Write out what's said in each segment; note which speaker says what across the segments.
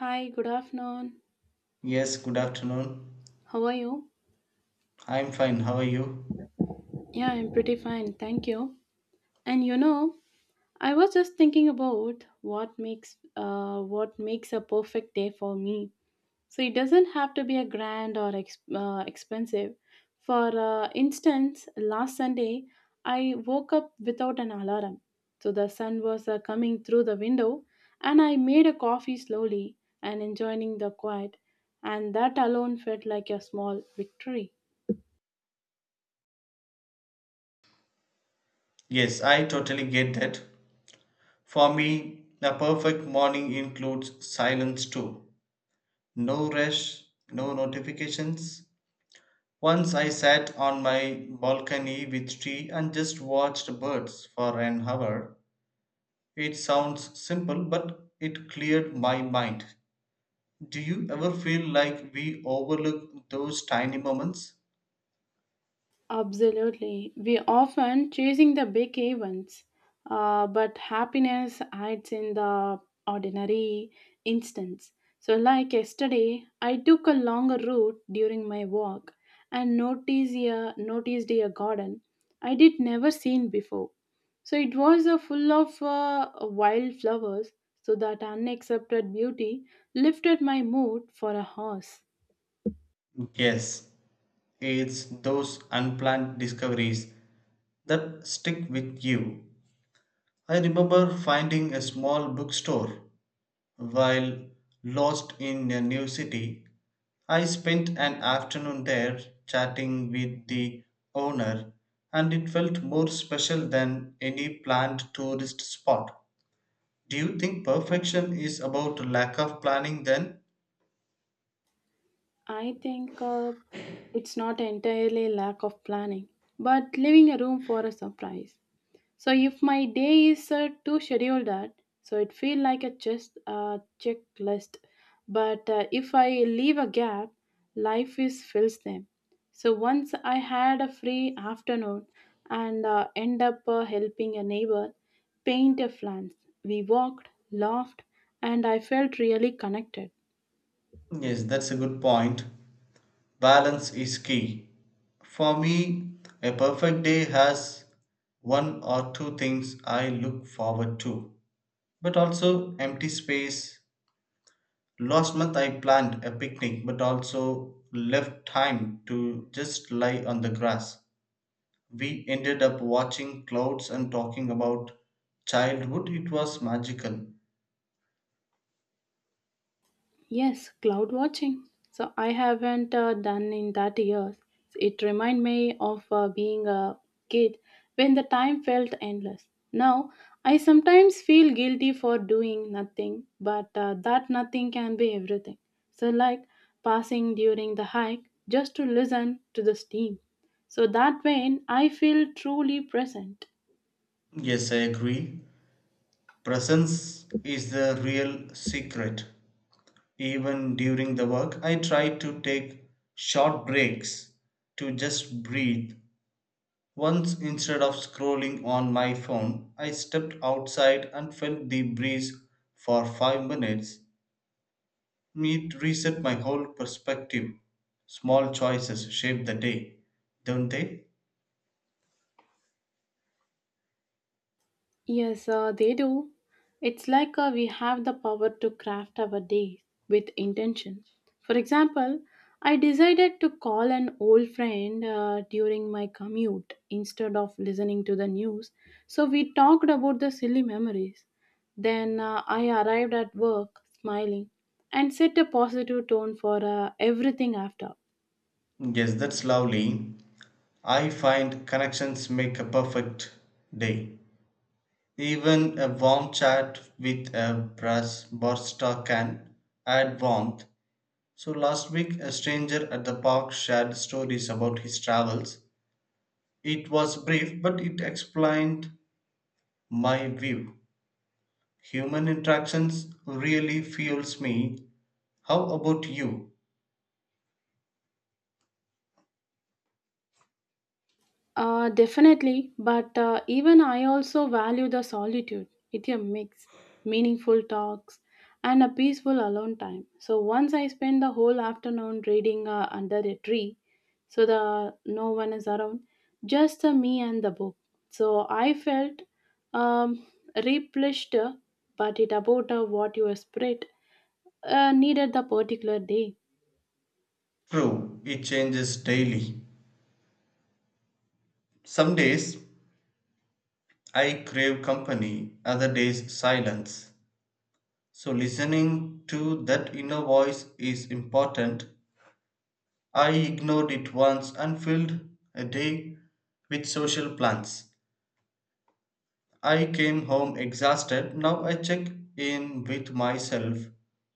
Speaker 1: Hi, good afternoon.
Speaker 2: Yes, good afternoon.
Speaker 1: How are you?
Speaker 2: I'm fine. How are you?
Speaker 1: Yeah, I'm pretty fine. Thank you. And I was just thinking about what makes a perfect day for me. So it doesn't have to be a grand or expensive. For instance, last Sunday I woke up without an alarm. So the sun was coming through the window, and I made a coffee slowly and enjoying the quiet. And that alone felt like a small victory.
Speaker 2: Yes, I totally get that. For me, the perfect morning includes silence too. No rush, no notifications. Once I sat on my balcony with tea and just watched birds for an hour. It sounds simple, but it cleared my mind. Do you ever feel like we overlook those tiny moments?
Speaker 1: Absolutely. We often chasing the big events, but happiness hides in the ordinary instance. So, like yesterday, I took a longer route during my walk and noticed a garden I did never seen before. So it was full of wild flowers. So that unaccepted beauty lifted my mood for a horse.
Speaker 2: Yes, it's those unplanned discoveries that stick with you. I remember finding a small bookstore while lost in a new city. I spent an afternoon there chatting with the owner, and it felt more special than any planned tourist spot. Do you think perfection is about lack of planning then?
Speaker 1: I think it's not entirely lack of planning, but leaving a room for a surprise. So if my day is too scheduled that, so it feel like a just checklist. But if I leave a gap, life is fills them. So once I had a free afternoon and end up helping a neighbor paint a fence. We walked, laughed, and I felt really connected.
Speaker 2: Yes, that's a good point. Balance is key. For me, a perfect day has one or two things I look forward to, but also empty space. Last month I planned a picnic, but also left time to just lie on the grass. We ended up watching clouds and talking about childhood. It was magical.
Speaker 1: Yes, cloud watching. So I haven't done in that years. It remind me of being a kid when the time felt endless. Now I sometimes feel guilty for doing nothing, but that nothing can be everything. So like passing during the hike just to listen to the steam. So that when I feel truly present.
Speaker 2: Yes, I agree. Presence is the real secret. Even during the work, I try to take short breaks to just breathe. Once, instead of scrolling on my phone, I stepped outside and felt the breeze for 5 minutes. It reset my whole perspective. Small choices shape the day, don't they?
Speaker 1: Yes, they do. It's like we have the power to craft our day with intention. For example, I decided to call an old friend during my commute instead of listening to the news. So we talked about the silly memories. Then I arrived at work smiling and set a positive tone for everything after.
Speaker 2: Yes, that's lovely. I find connections make a perfect day. Even a warm chat with a brass barista can add warmth. So last week, a stranger at the park shared stories about his travels. It was brief, but it explained my view. Human interactions really fuels me. How about you?
Speaker 1: Definitely, but even I also value the solitude. It's a mix, meaningful talks, and a peaceful alone time. So once I spend the whole afternoon reading under a tree, so the no one is around, just the me and the book. So I felt um, replenished, but it about what your spirit needed the particular day.
Speaker 2: True, it changes daily. Some days I crave company, other days silence. So, listening to that inner voice is important. I ignored it once and filled a day with social plans. I came home exhausted. Now I check in with myself.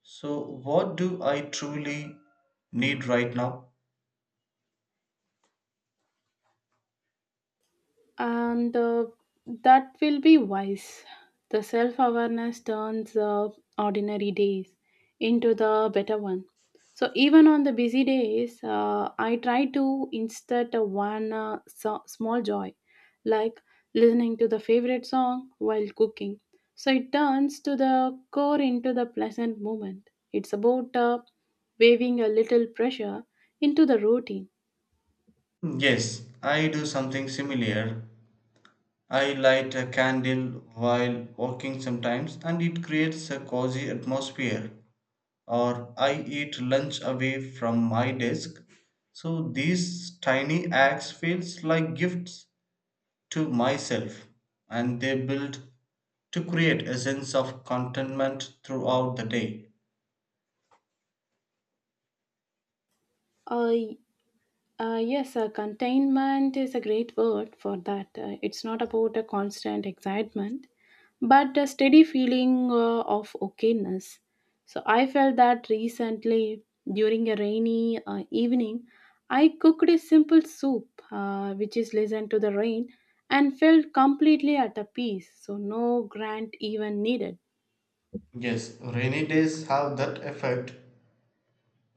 Speaker 2: So, what do I truly need right now?
Speaker 1: And that will be wise. The self awareness turns ordinary days into the better one. So, even on the busy days, I try to insert a one small joy, like listening to the favorite song while cooking. So, it turns to the core into the pleasant moment. It's about waving a little pressure into the routine.
Speaker 2: Yes, I do something similar. I light a candle while walking sometimes and it creates a cozy atmosphere. Or I eat lunch away from my desk. So these tiny acts feels like gifts to myself and they build to create a sense of contentment throughout the day.
Speaker 1: Uh, yes, containment is a great word for that. It's not about a constant excitement, but a steady feeling of okayness. So I felt that recently during a rainy evening, I cooked a simple soup which is listened to the rain and felt completely at a peace. So no grant even needed.
Speaker 2: Yes, rainy days have that effect.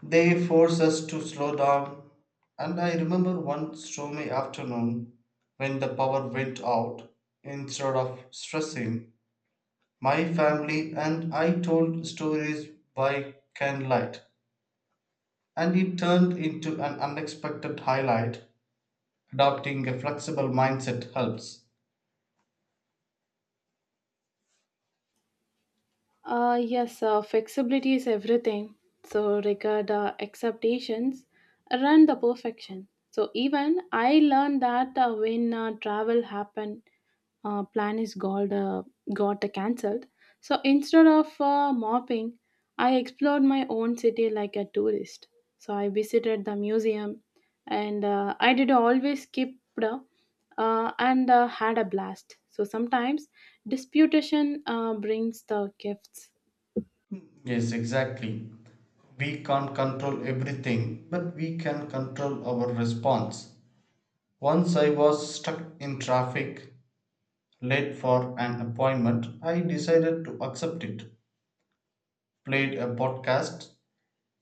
Speaker 2: They force us to slow down. And I remember one stormy afternoon when the power went out. Instead of stressing, my family and I told stories by candlelight, and it turned into an unexpected highlight. Adopting a flexible mindset helps.
Speaker 1: Yes, flexibility is everything. So regard acceptations, run the perfection. So even I learned that when travel happened, plan is called got cancelled. So instead of mopping, I explored my own city like a tourist. So I visited the museum, and I did always skip uh, and had a blast. So sometimes Disputation brings the gifts.
Speaker 2: Yes, exactly. We can't control everything, but we can control our response. Once I was stuck in traffic, late for an appointment, I decided to accept it, played a podcast,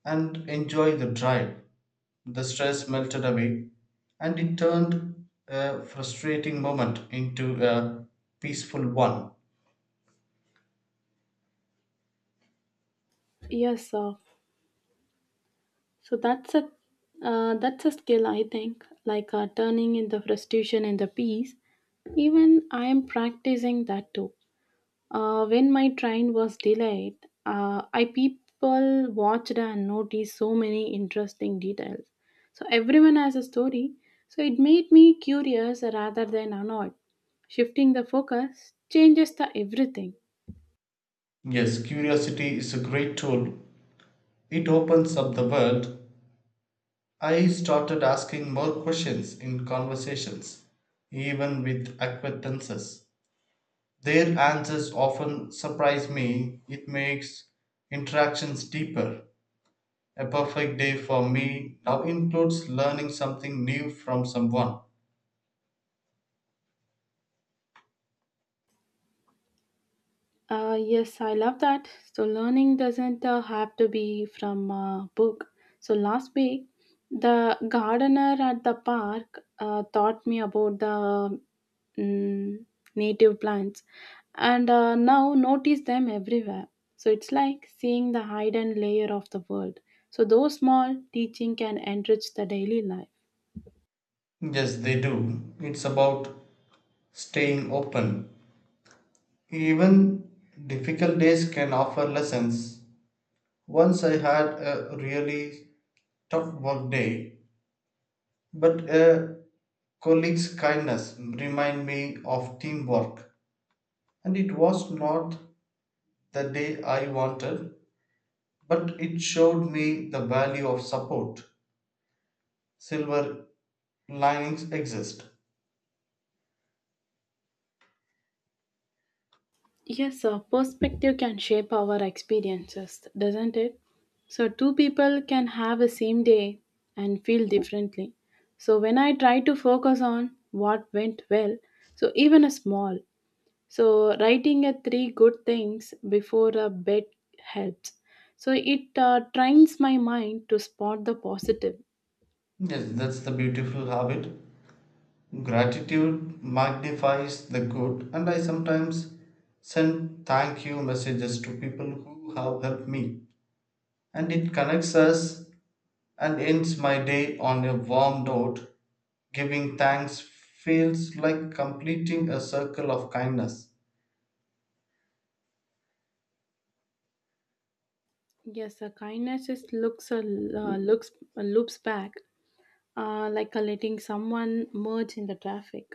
Speaker 2: and enjoyed the drive. The stress melted away, and it turned a frustrating moment into a peaceful one.
Speaker 1: Yes, so that's a skill I think, like turning in the frustration into peace. Even I am practicing that too. When my train was delayed, I people watched and noticed so many interesting details. So everyone has a story. So it made me curious rather than annoyed. Shifting the focus changes the everything.
Speaker 2: Yes, curiosity is a great tool. It opens up the world. I started asking more questions in conversations, even with acquaintances. Their answers often surprise me. It makes interactions deeper. A perfect day for me now includes learning something new from someone.
Speaker 1: Yes, I love that. So, learning doesn't have to be from a book. So, last week, the gardener at the park taught me about the mm, native plants and now notice them everywhere. So, it's like seeing the hidden layer of the world. So, those small teaching can enrich the daily life.
Speaker 2: Yes, they do. It's about staying open. Even difficult days can offer lessons. Once I had a really tough work day, but a colleagues' kindness remind me of teamwork, and it was not the day I wanted, but it showed me the value of support. Silver linings exist.
Speaker 1: Yes, sir. Perspective can shape our experiences, doesn't it? So, two people can have the same day and feel differently. So, when I try to focus on what went well, so even a small, so writing a three good things before a bed helps. So, it trains my mind to spot the positive.
Speaker 2: Yes, that's the beautiful habit. Gratitude magnifies the good, and I sometimes send thank you messages to people who have helped me, and it connects us and ends my day on a warm note. Giving thanks feels like completing a circle of kindness.
Speaker 1: Yes, sir. Kindness is looks loops back like letting someone merge in the traffic.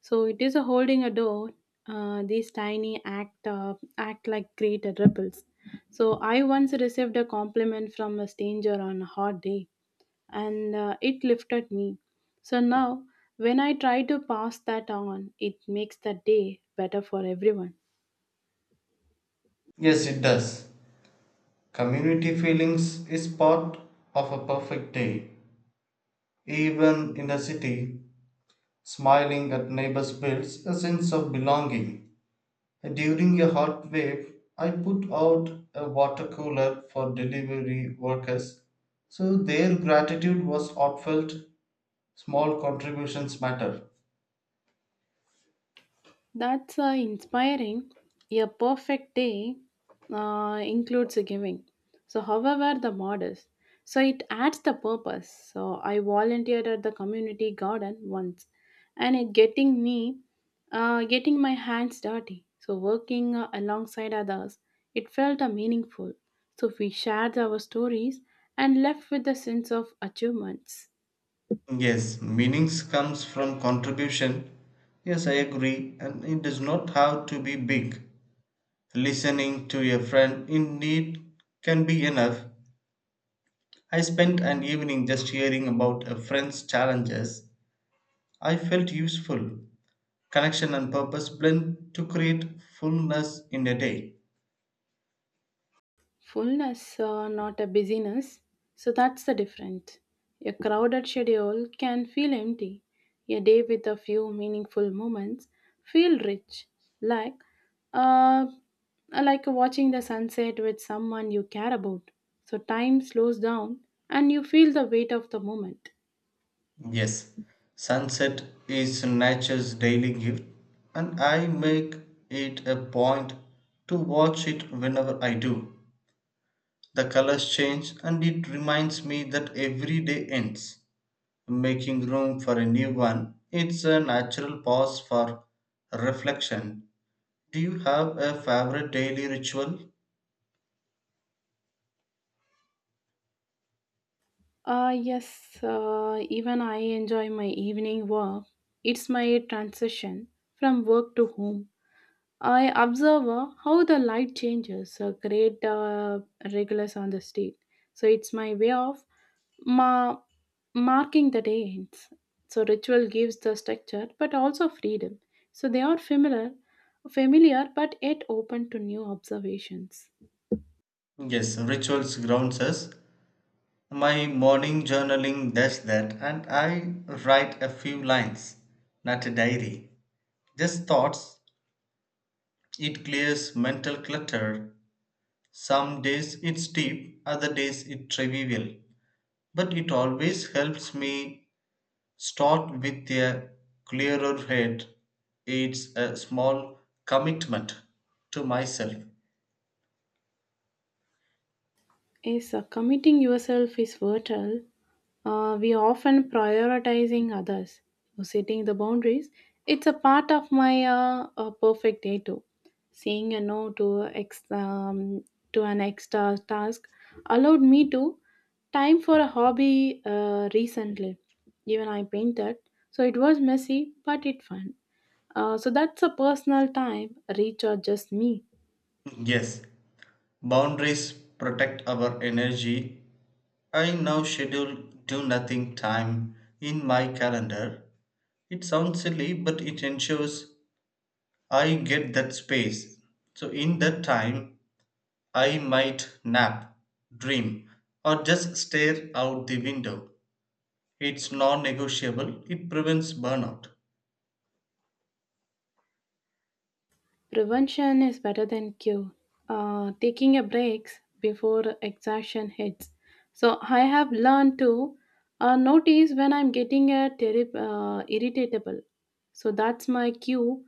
Speaker 1: So it is a holding a door. These tiny act like great ripples. So I once received a compliment from a stranger on a hot day, and it lifted me. So now, when I try to pass that on, it makes the day better for everyone.
Speaker 2: Yes, it does. Community feelings is part of a perfect day. Even in a city, smiling at neighbors builds a sense of belonging. During a hot wave, I put out a water cooler for delivery workers, so their gratitude was heartfelt. Small contributions matter.
Speaker 1: That's inspiring. A perfect day includes a giving. So, however, the modest. So, it adds the purpose. So, I volunteered at the community garden once and it getting my hands dirty. So, working alongside others, it felt meaningful. So, we shared our stories and left with a sense of achievements.
Speaker 2: Yes, meanings comes from contribution. Yes, I agree, and it does not have to be big. Listening to a friend in need can be enough. I spent an evening just hearing about a friend's challenges. I felt useful. Connection and purpose blend to create fullness in a day.
Speaker 1: Fullness, not a busyness. So that's the difference. A crowded schedule can feel empty. A day with a few meaningful moments feel rich, like uh, like watching the sunset with someone you care about. So time slows down and you feel the weight of the moment.
Speaker 2: Yes, sunset is nature's daily gift, and I make it a point to watch it whenever I do. The colors change, and it reminds me that every day ends, making room for a new one. It's a natural pause for reflection. Do you have a favorite daily ritual?
Speaker 1: Yes, even I enjoy my evening walk. It's my transition from work to home. I observe how the light changes, create regulars on the state. So it's my way of ma- marking the day ends. So ritual gives the structure, but also freedom. So they are familiar, but yet open to new observations.
Speaker 2: Yes, rituals grounds us. My morning journaling does that, and I write a few lines, not a diary. Just thoughts, it clears mental clutter. Some days it's deep, other days it's trivial. But it always helps me start with a clearer head. It's a small commitment to myself.
Speaker 1: Is committing yourself is vital. We often prioritizing others or setting the boundaries. It's a part of my perfect day too. Saying a no to ex to an extra task allowed me to time for a hobby recently. Even I painted, so it was messy but it fun. So that's a personal time recharges me.
Speaker 2: Yes, boundaries protect our energy. I now schedule do nothing time in my calendar. It sounds silly, but it ensures I get that space. So, in that time, I might nap, dream, or just stare out the window. It's non-negotiable. It prevents burnout.
Speaker 1: Prevention is better than cure. Taking a breaks before exhaustion hits. So I have learned to notice when I'm getting a terri irritable. So that's my cue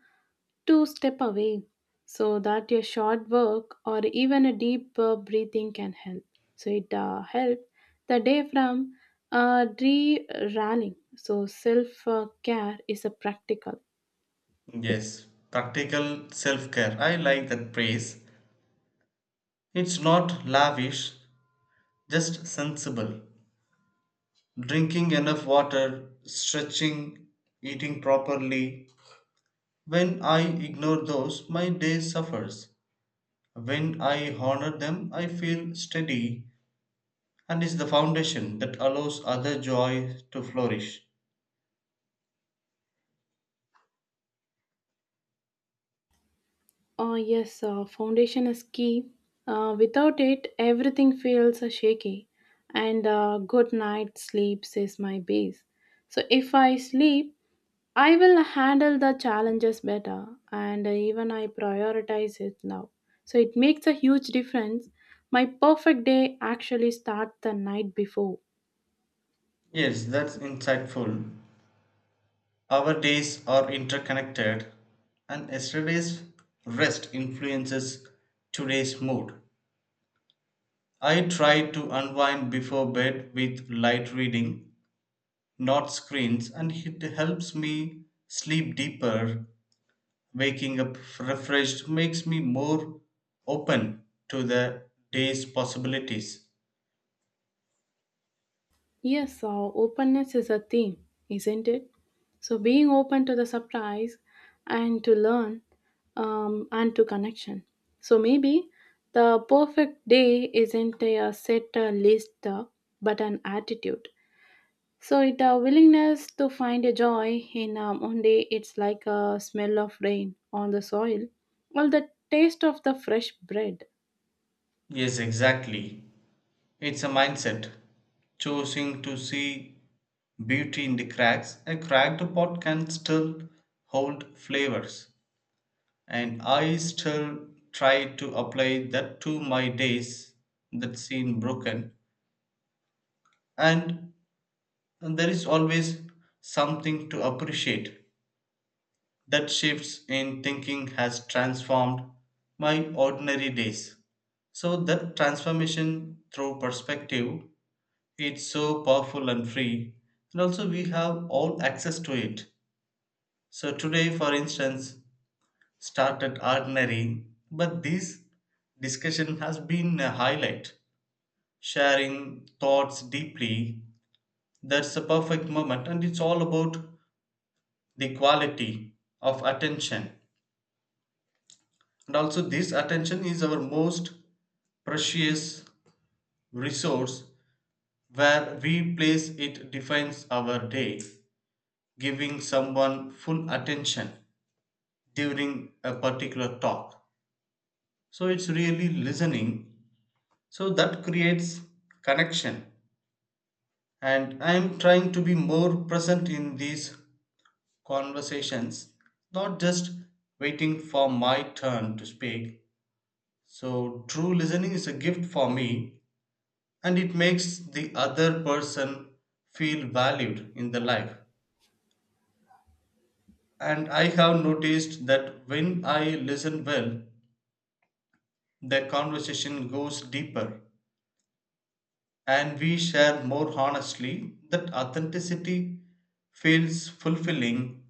Speaker 1: to step away. So that a short work or even a deep breathing can help. So it helped the day from derailing. So self care is a practical.
Speaker 2: Yes, practical self-care. I like that phrase. It's not lavish, just sensible. Drinking enough water, stretching, eating properly. When I ignore those, my day suffers. When I honor them, I feel steady and is the foundation that allows other joy to flourish.
Speaker 1: Yes, foundation is key. Without it, everything feels shaky. And good night sleeps is my base. So if I sleep, I will handle the challenges better. And even I prioritize it now. So it makes a huge difference. My perfect day actually starts the night before.
Speaker 2: Yes, that's insightful. Our days are interconnected, and yesterday's rest influences today's mood. I try to unwind before bed with light reading, not screens, and it helps me sleep deeper. Waking up refreshed makes me more open to the day's possibilities.
Speaker 1: Yes, so openness is a theme, isn't it? So being open to the surprise and to learn and to connection. So maybe the perfect day isn't a set list but an attitude. So it a willingness to find a joy in one day it's like a smell of rain on the soil or the taste of the fresh bread.
Speaker 2: Yes, exactly. It's a mindset, choosing to see beauty in the cracks. A cracked pot can still hold flavors, and I still try to apply that to my days that seem broken. And there is always something to appreciate. That shifts in thinking has transformed my ordinary days. So that transformation through perspective, it's so powerful and free, and also we have all access to it. So today, for instance, started ordinary, but this discussion has been a highlight. Sharing thoughts deeply, that's a perfect moment, and it's all about the quality of attention. And also, this attention is our most precious resource. Where we place it defines our day. Giving someone full attention during a particular talk. So, it's really listening. So, that creates connection. And I am trying to be more present in these conversations, not just waiting for my turn to speak. So, true listening is a gift for me and it makes the other person feel valued in the life. And I have noticed that when I listen well the conversation goes deeper and we share more honestly. That authenticity feels fulfilling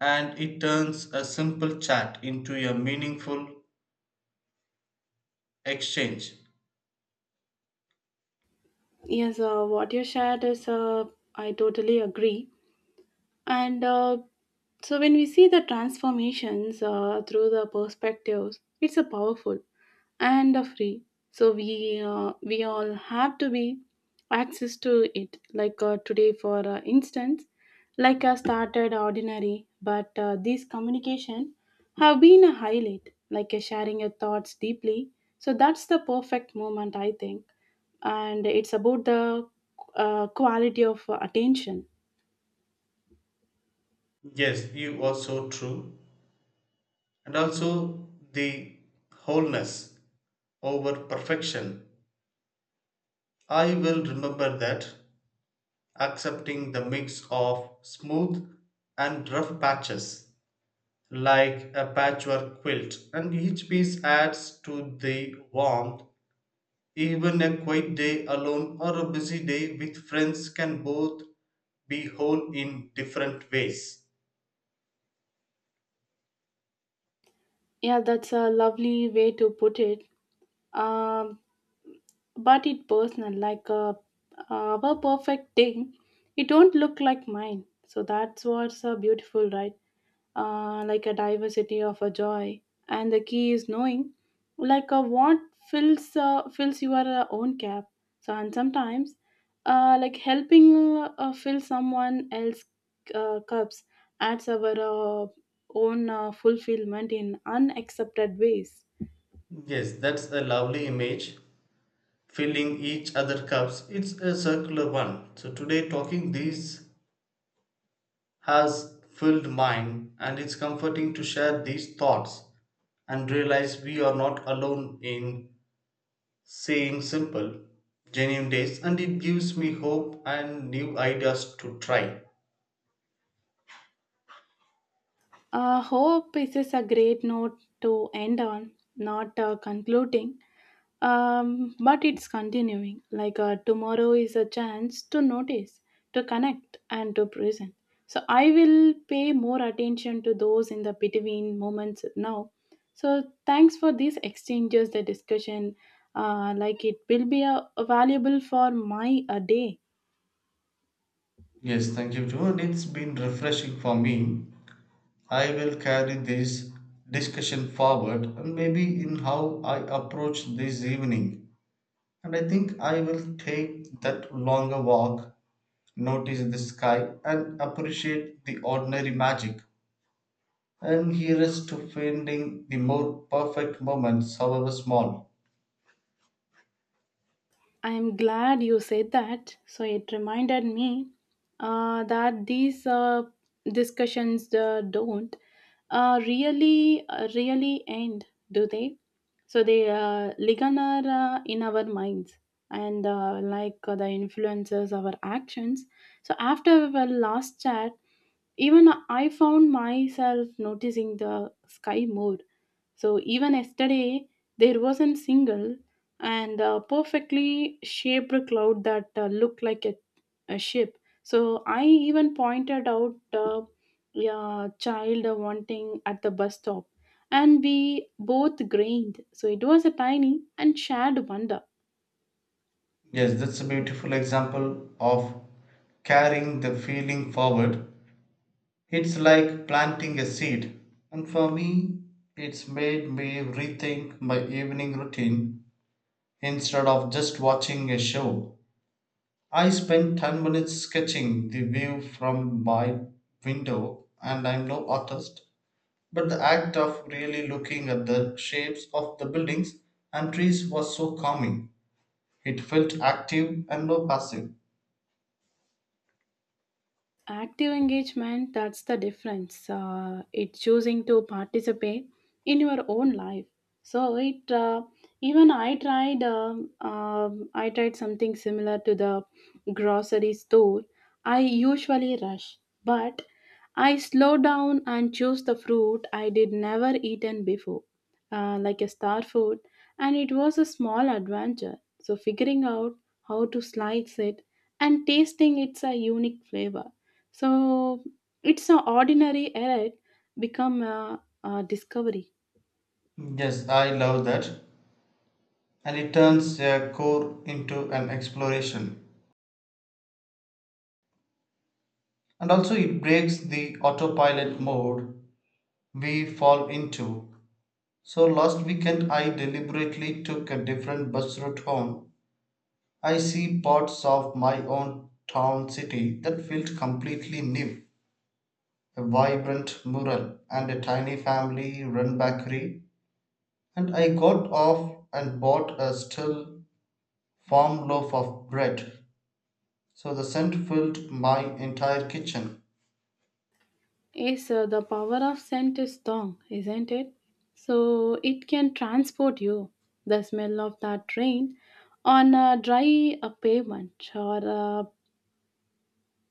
Speaker 2: and it turns a simple chat into a meaningful exchange.
Speaker 1: Yes, what you shared is I totally agree. And so when we see the transformations through the perspectives, it's a powerful and a free. So we all have to be access to it. Like today, for instance, like I started ordinary, but these communication have been a highlight. Like sharing your thoughts deeply. So that's the perfect moment, I think, and it's about the quality of attention.
Speaker 2: Yes, you are so true. And also, the wholeness over perfection, I will remember that. Accepting the mix of smooth and rough patches, like a patchwork quilt, and each piece adds to the warmth. Even a quiet day alone or a busy day with friends can both be whole in different ways.
Speaker 1: Yeah, that's a lovely way to put it. Um, but it personal like a our perfect thing it don't look like mine so that's what's beautiful right like a diversity of a joy and the key is knowing like what fills your own cap so and sometimes like helping fill someone else cups adds our uh, own fulfillment in unaccepted ways.
Speaker 2: Yes, that's a lovely image. Filling each other cups, it's a circular one. So today talking these has filled mine, and it's comforting to share these thoughts and realize we are not alone in saying simple, genuine days, and it gives me hope and new ideas to try.
Speaker 1: Hope is a great note to end on, not concluding, but it's continuing. Like tomorrow is a chance to notice, to connect, and to present. So I will pay more attention to those in the between moments now. So thanks for these exchanges, the discussion. Like it will be valuable for my day.
Speaker 2: Yes, thank you, Joe. And it's been refreshing for me. I will carry this discussion forward and maybe in how I approach this evening. And I think I will take that longer walk, notice the sky, and appreciate the ordinary magic, and here's to finding the more perfect moments, however small.
Speaker 1: I'm glad you said that. So it reminded me that these discussions don't really end, do they? So they linger in our minds and like the influences our actions. So after our last chat, even I found myself noticing the sky more. So even yesterday, there wasn't single and a perfectly shaped cloud that looked like a ship. So I even pointed out a child wanting at the bus stop, and we both grinned. So it was a tiny and shared wonder.
Speaker 2: Yes, that's a beautiful example of carrying the feeling forward. It's like planting a seed, and for me, it's made me rethink my evening routine instead of just watching a show. I spent 10 minutes sketching the view from my window, and I'm no artist, but the act of really looking at the shapes of the buildings and trees was so calming. It felt active and no passive.
Speaker 1: Active engagement, that's the difference, it's choosing to participate in your own life. So it even I tried I tried something similar to the grocery store. I usually rush, but I slow down and choose the fruit I did never eaten before, like a star fruit, and it was a small adventure so figuring out how to slice it and tasting its a unique flavor. So it's an ordinary error become a discovery.
Speaker 2: Yes, I love that. And it turns a core into an exploration. And also, it breaks the autopilot mode we fall into. So, last weekend, I deliberately took a different bus route home. I see parts of my own town city that felt completely new. A vibrant mural, and a tiny family run bakery, and I got off and bought a still warm loaf of bread. So the scent filled my entire kitchen.
Speaker 1: Yes, the power of scent is strong, isn't it? So it can transport you. The smell of that rain on a dry pavement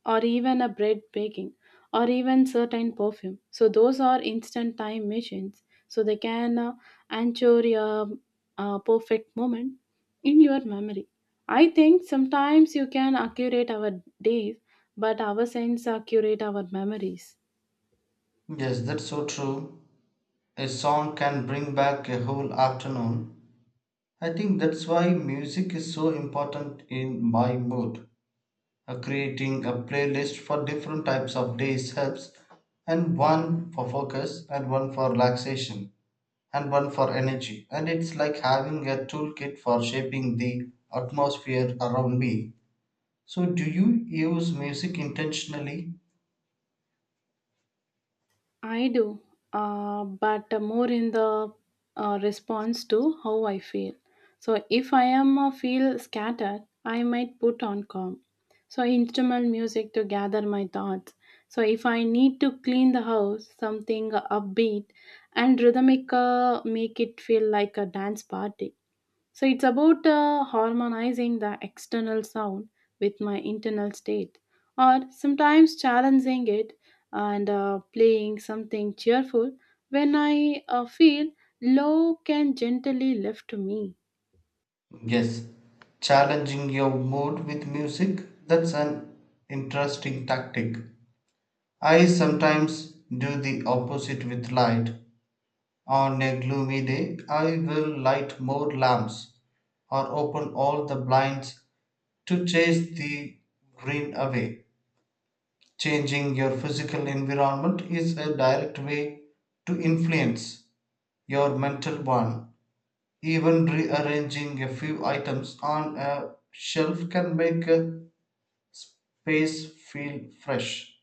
Speaker 1: or even a bread baking or even certain perfume so those are instant time machines so they can ensure a perfect moment in your memory. I think sometimes you can accurate our days but our sense accurate our memories.
Speaker 2: Yes, that's so true. A song can bring back a whole afternoon. I think that's why music is so important in my mood. Creating a playlist for different types of days helps, and one for focus and one for relaxation and one for energy. And it's like having a toolkit for shaping the atmosphere around me. So, do you use music intentionally?
Speaker 1: I do, but more in the response to how I feel. So if I am feel scattered, I might put on calm. So instrumental music to gather my thoughts. So if I need to clean the house, something upbeat and rhythmic make it feel like a dance party. So it's about harmonizing the external sound with my internal state, or sometimes challenging it and playing something cheerful when I feel low can gently lift me.
Speaker 2: Yes. Challenging your mood with music? That's an interesting tactic. I sometimes do the opposite with light. On a gloomy day, I will light more lamps or open all the blinds to chase the green away. Changing your physical environment is a direct way to influence your mental one. Even rearranging a few items on a shelf can make a space feel fresh.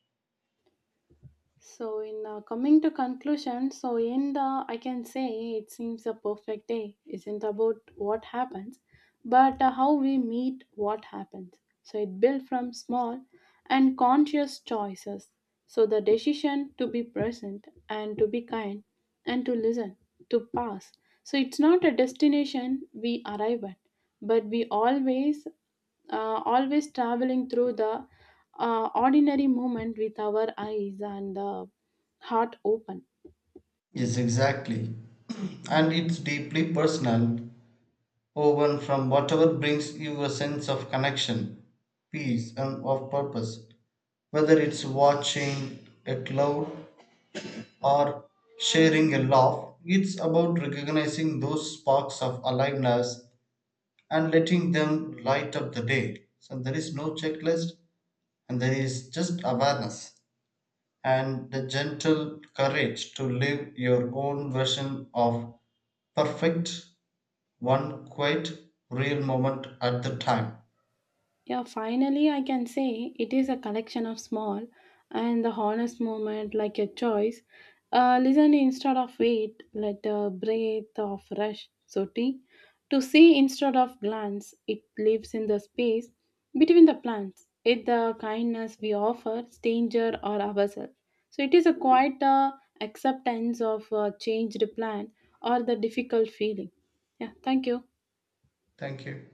Speaker 1: So in coming to conclusion, so in the I can say it seems a perfect day isn't about what happens, but how we meet what happens. So it built from small and conscious choices. So the decision to be present and to be kind and to listen, to pass. So it's not a destination we arrive at, but we always traveling through the ordinary moment with our eyes and the heart open.
Speaker 2: Yes, exactly. And it's deeply personal, woven from whatever brings you a sense of connection, peace, and of purpose. Whether it's watching a cloud or sharing a laugh. It's about recognizing those sparks of aliveness and letting them light up the day. So there is no checklist and there is just awareness and the gentle courage to live your own version of perfect, one quiet, real moment at the time.
Speaker 1: Yeah, finally, I can say it is a collection of small and the honest moment, like your choice. Listen instead of wait, let a breath of rush, so tea. To see instead of glance, it lives in the space between the plants. It the kindness we offer, stranger or ourselves. So it is a quite acceptance of a changed plan or the difficult feeling. Yeah, thank you.
Speaker 2: Thank you.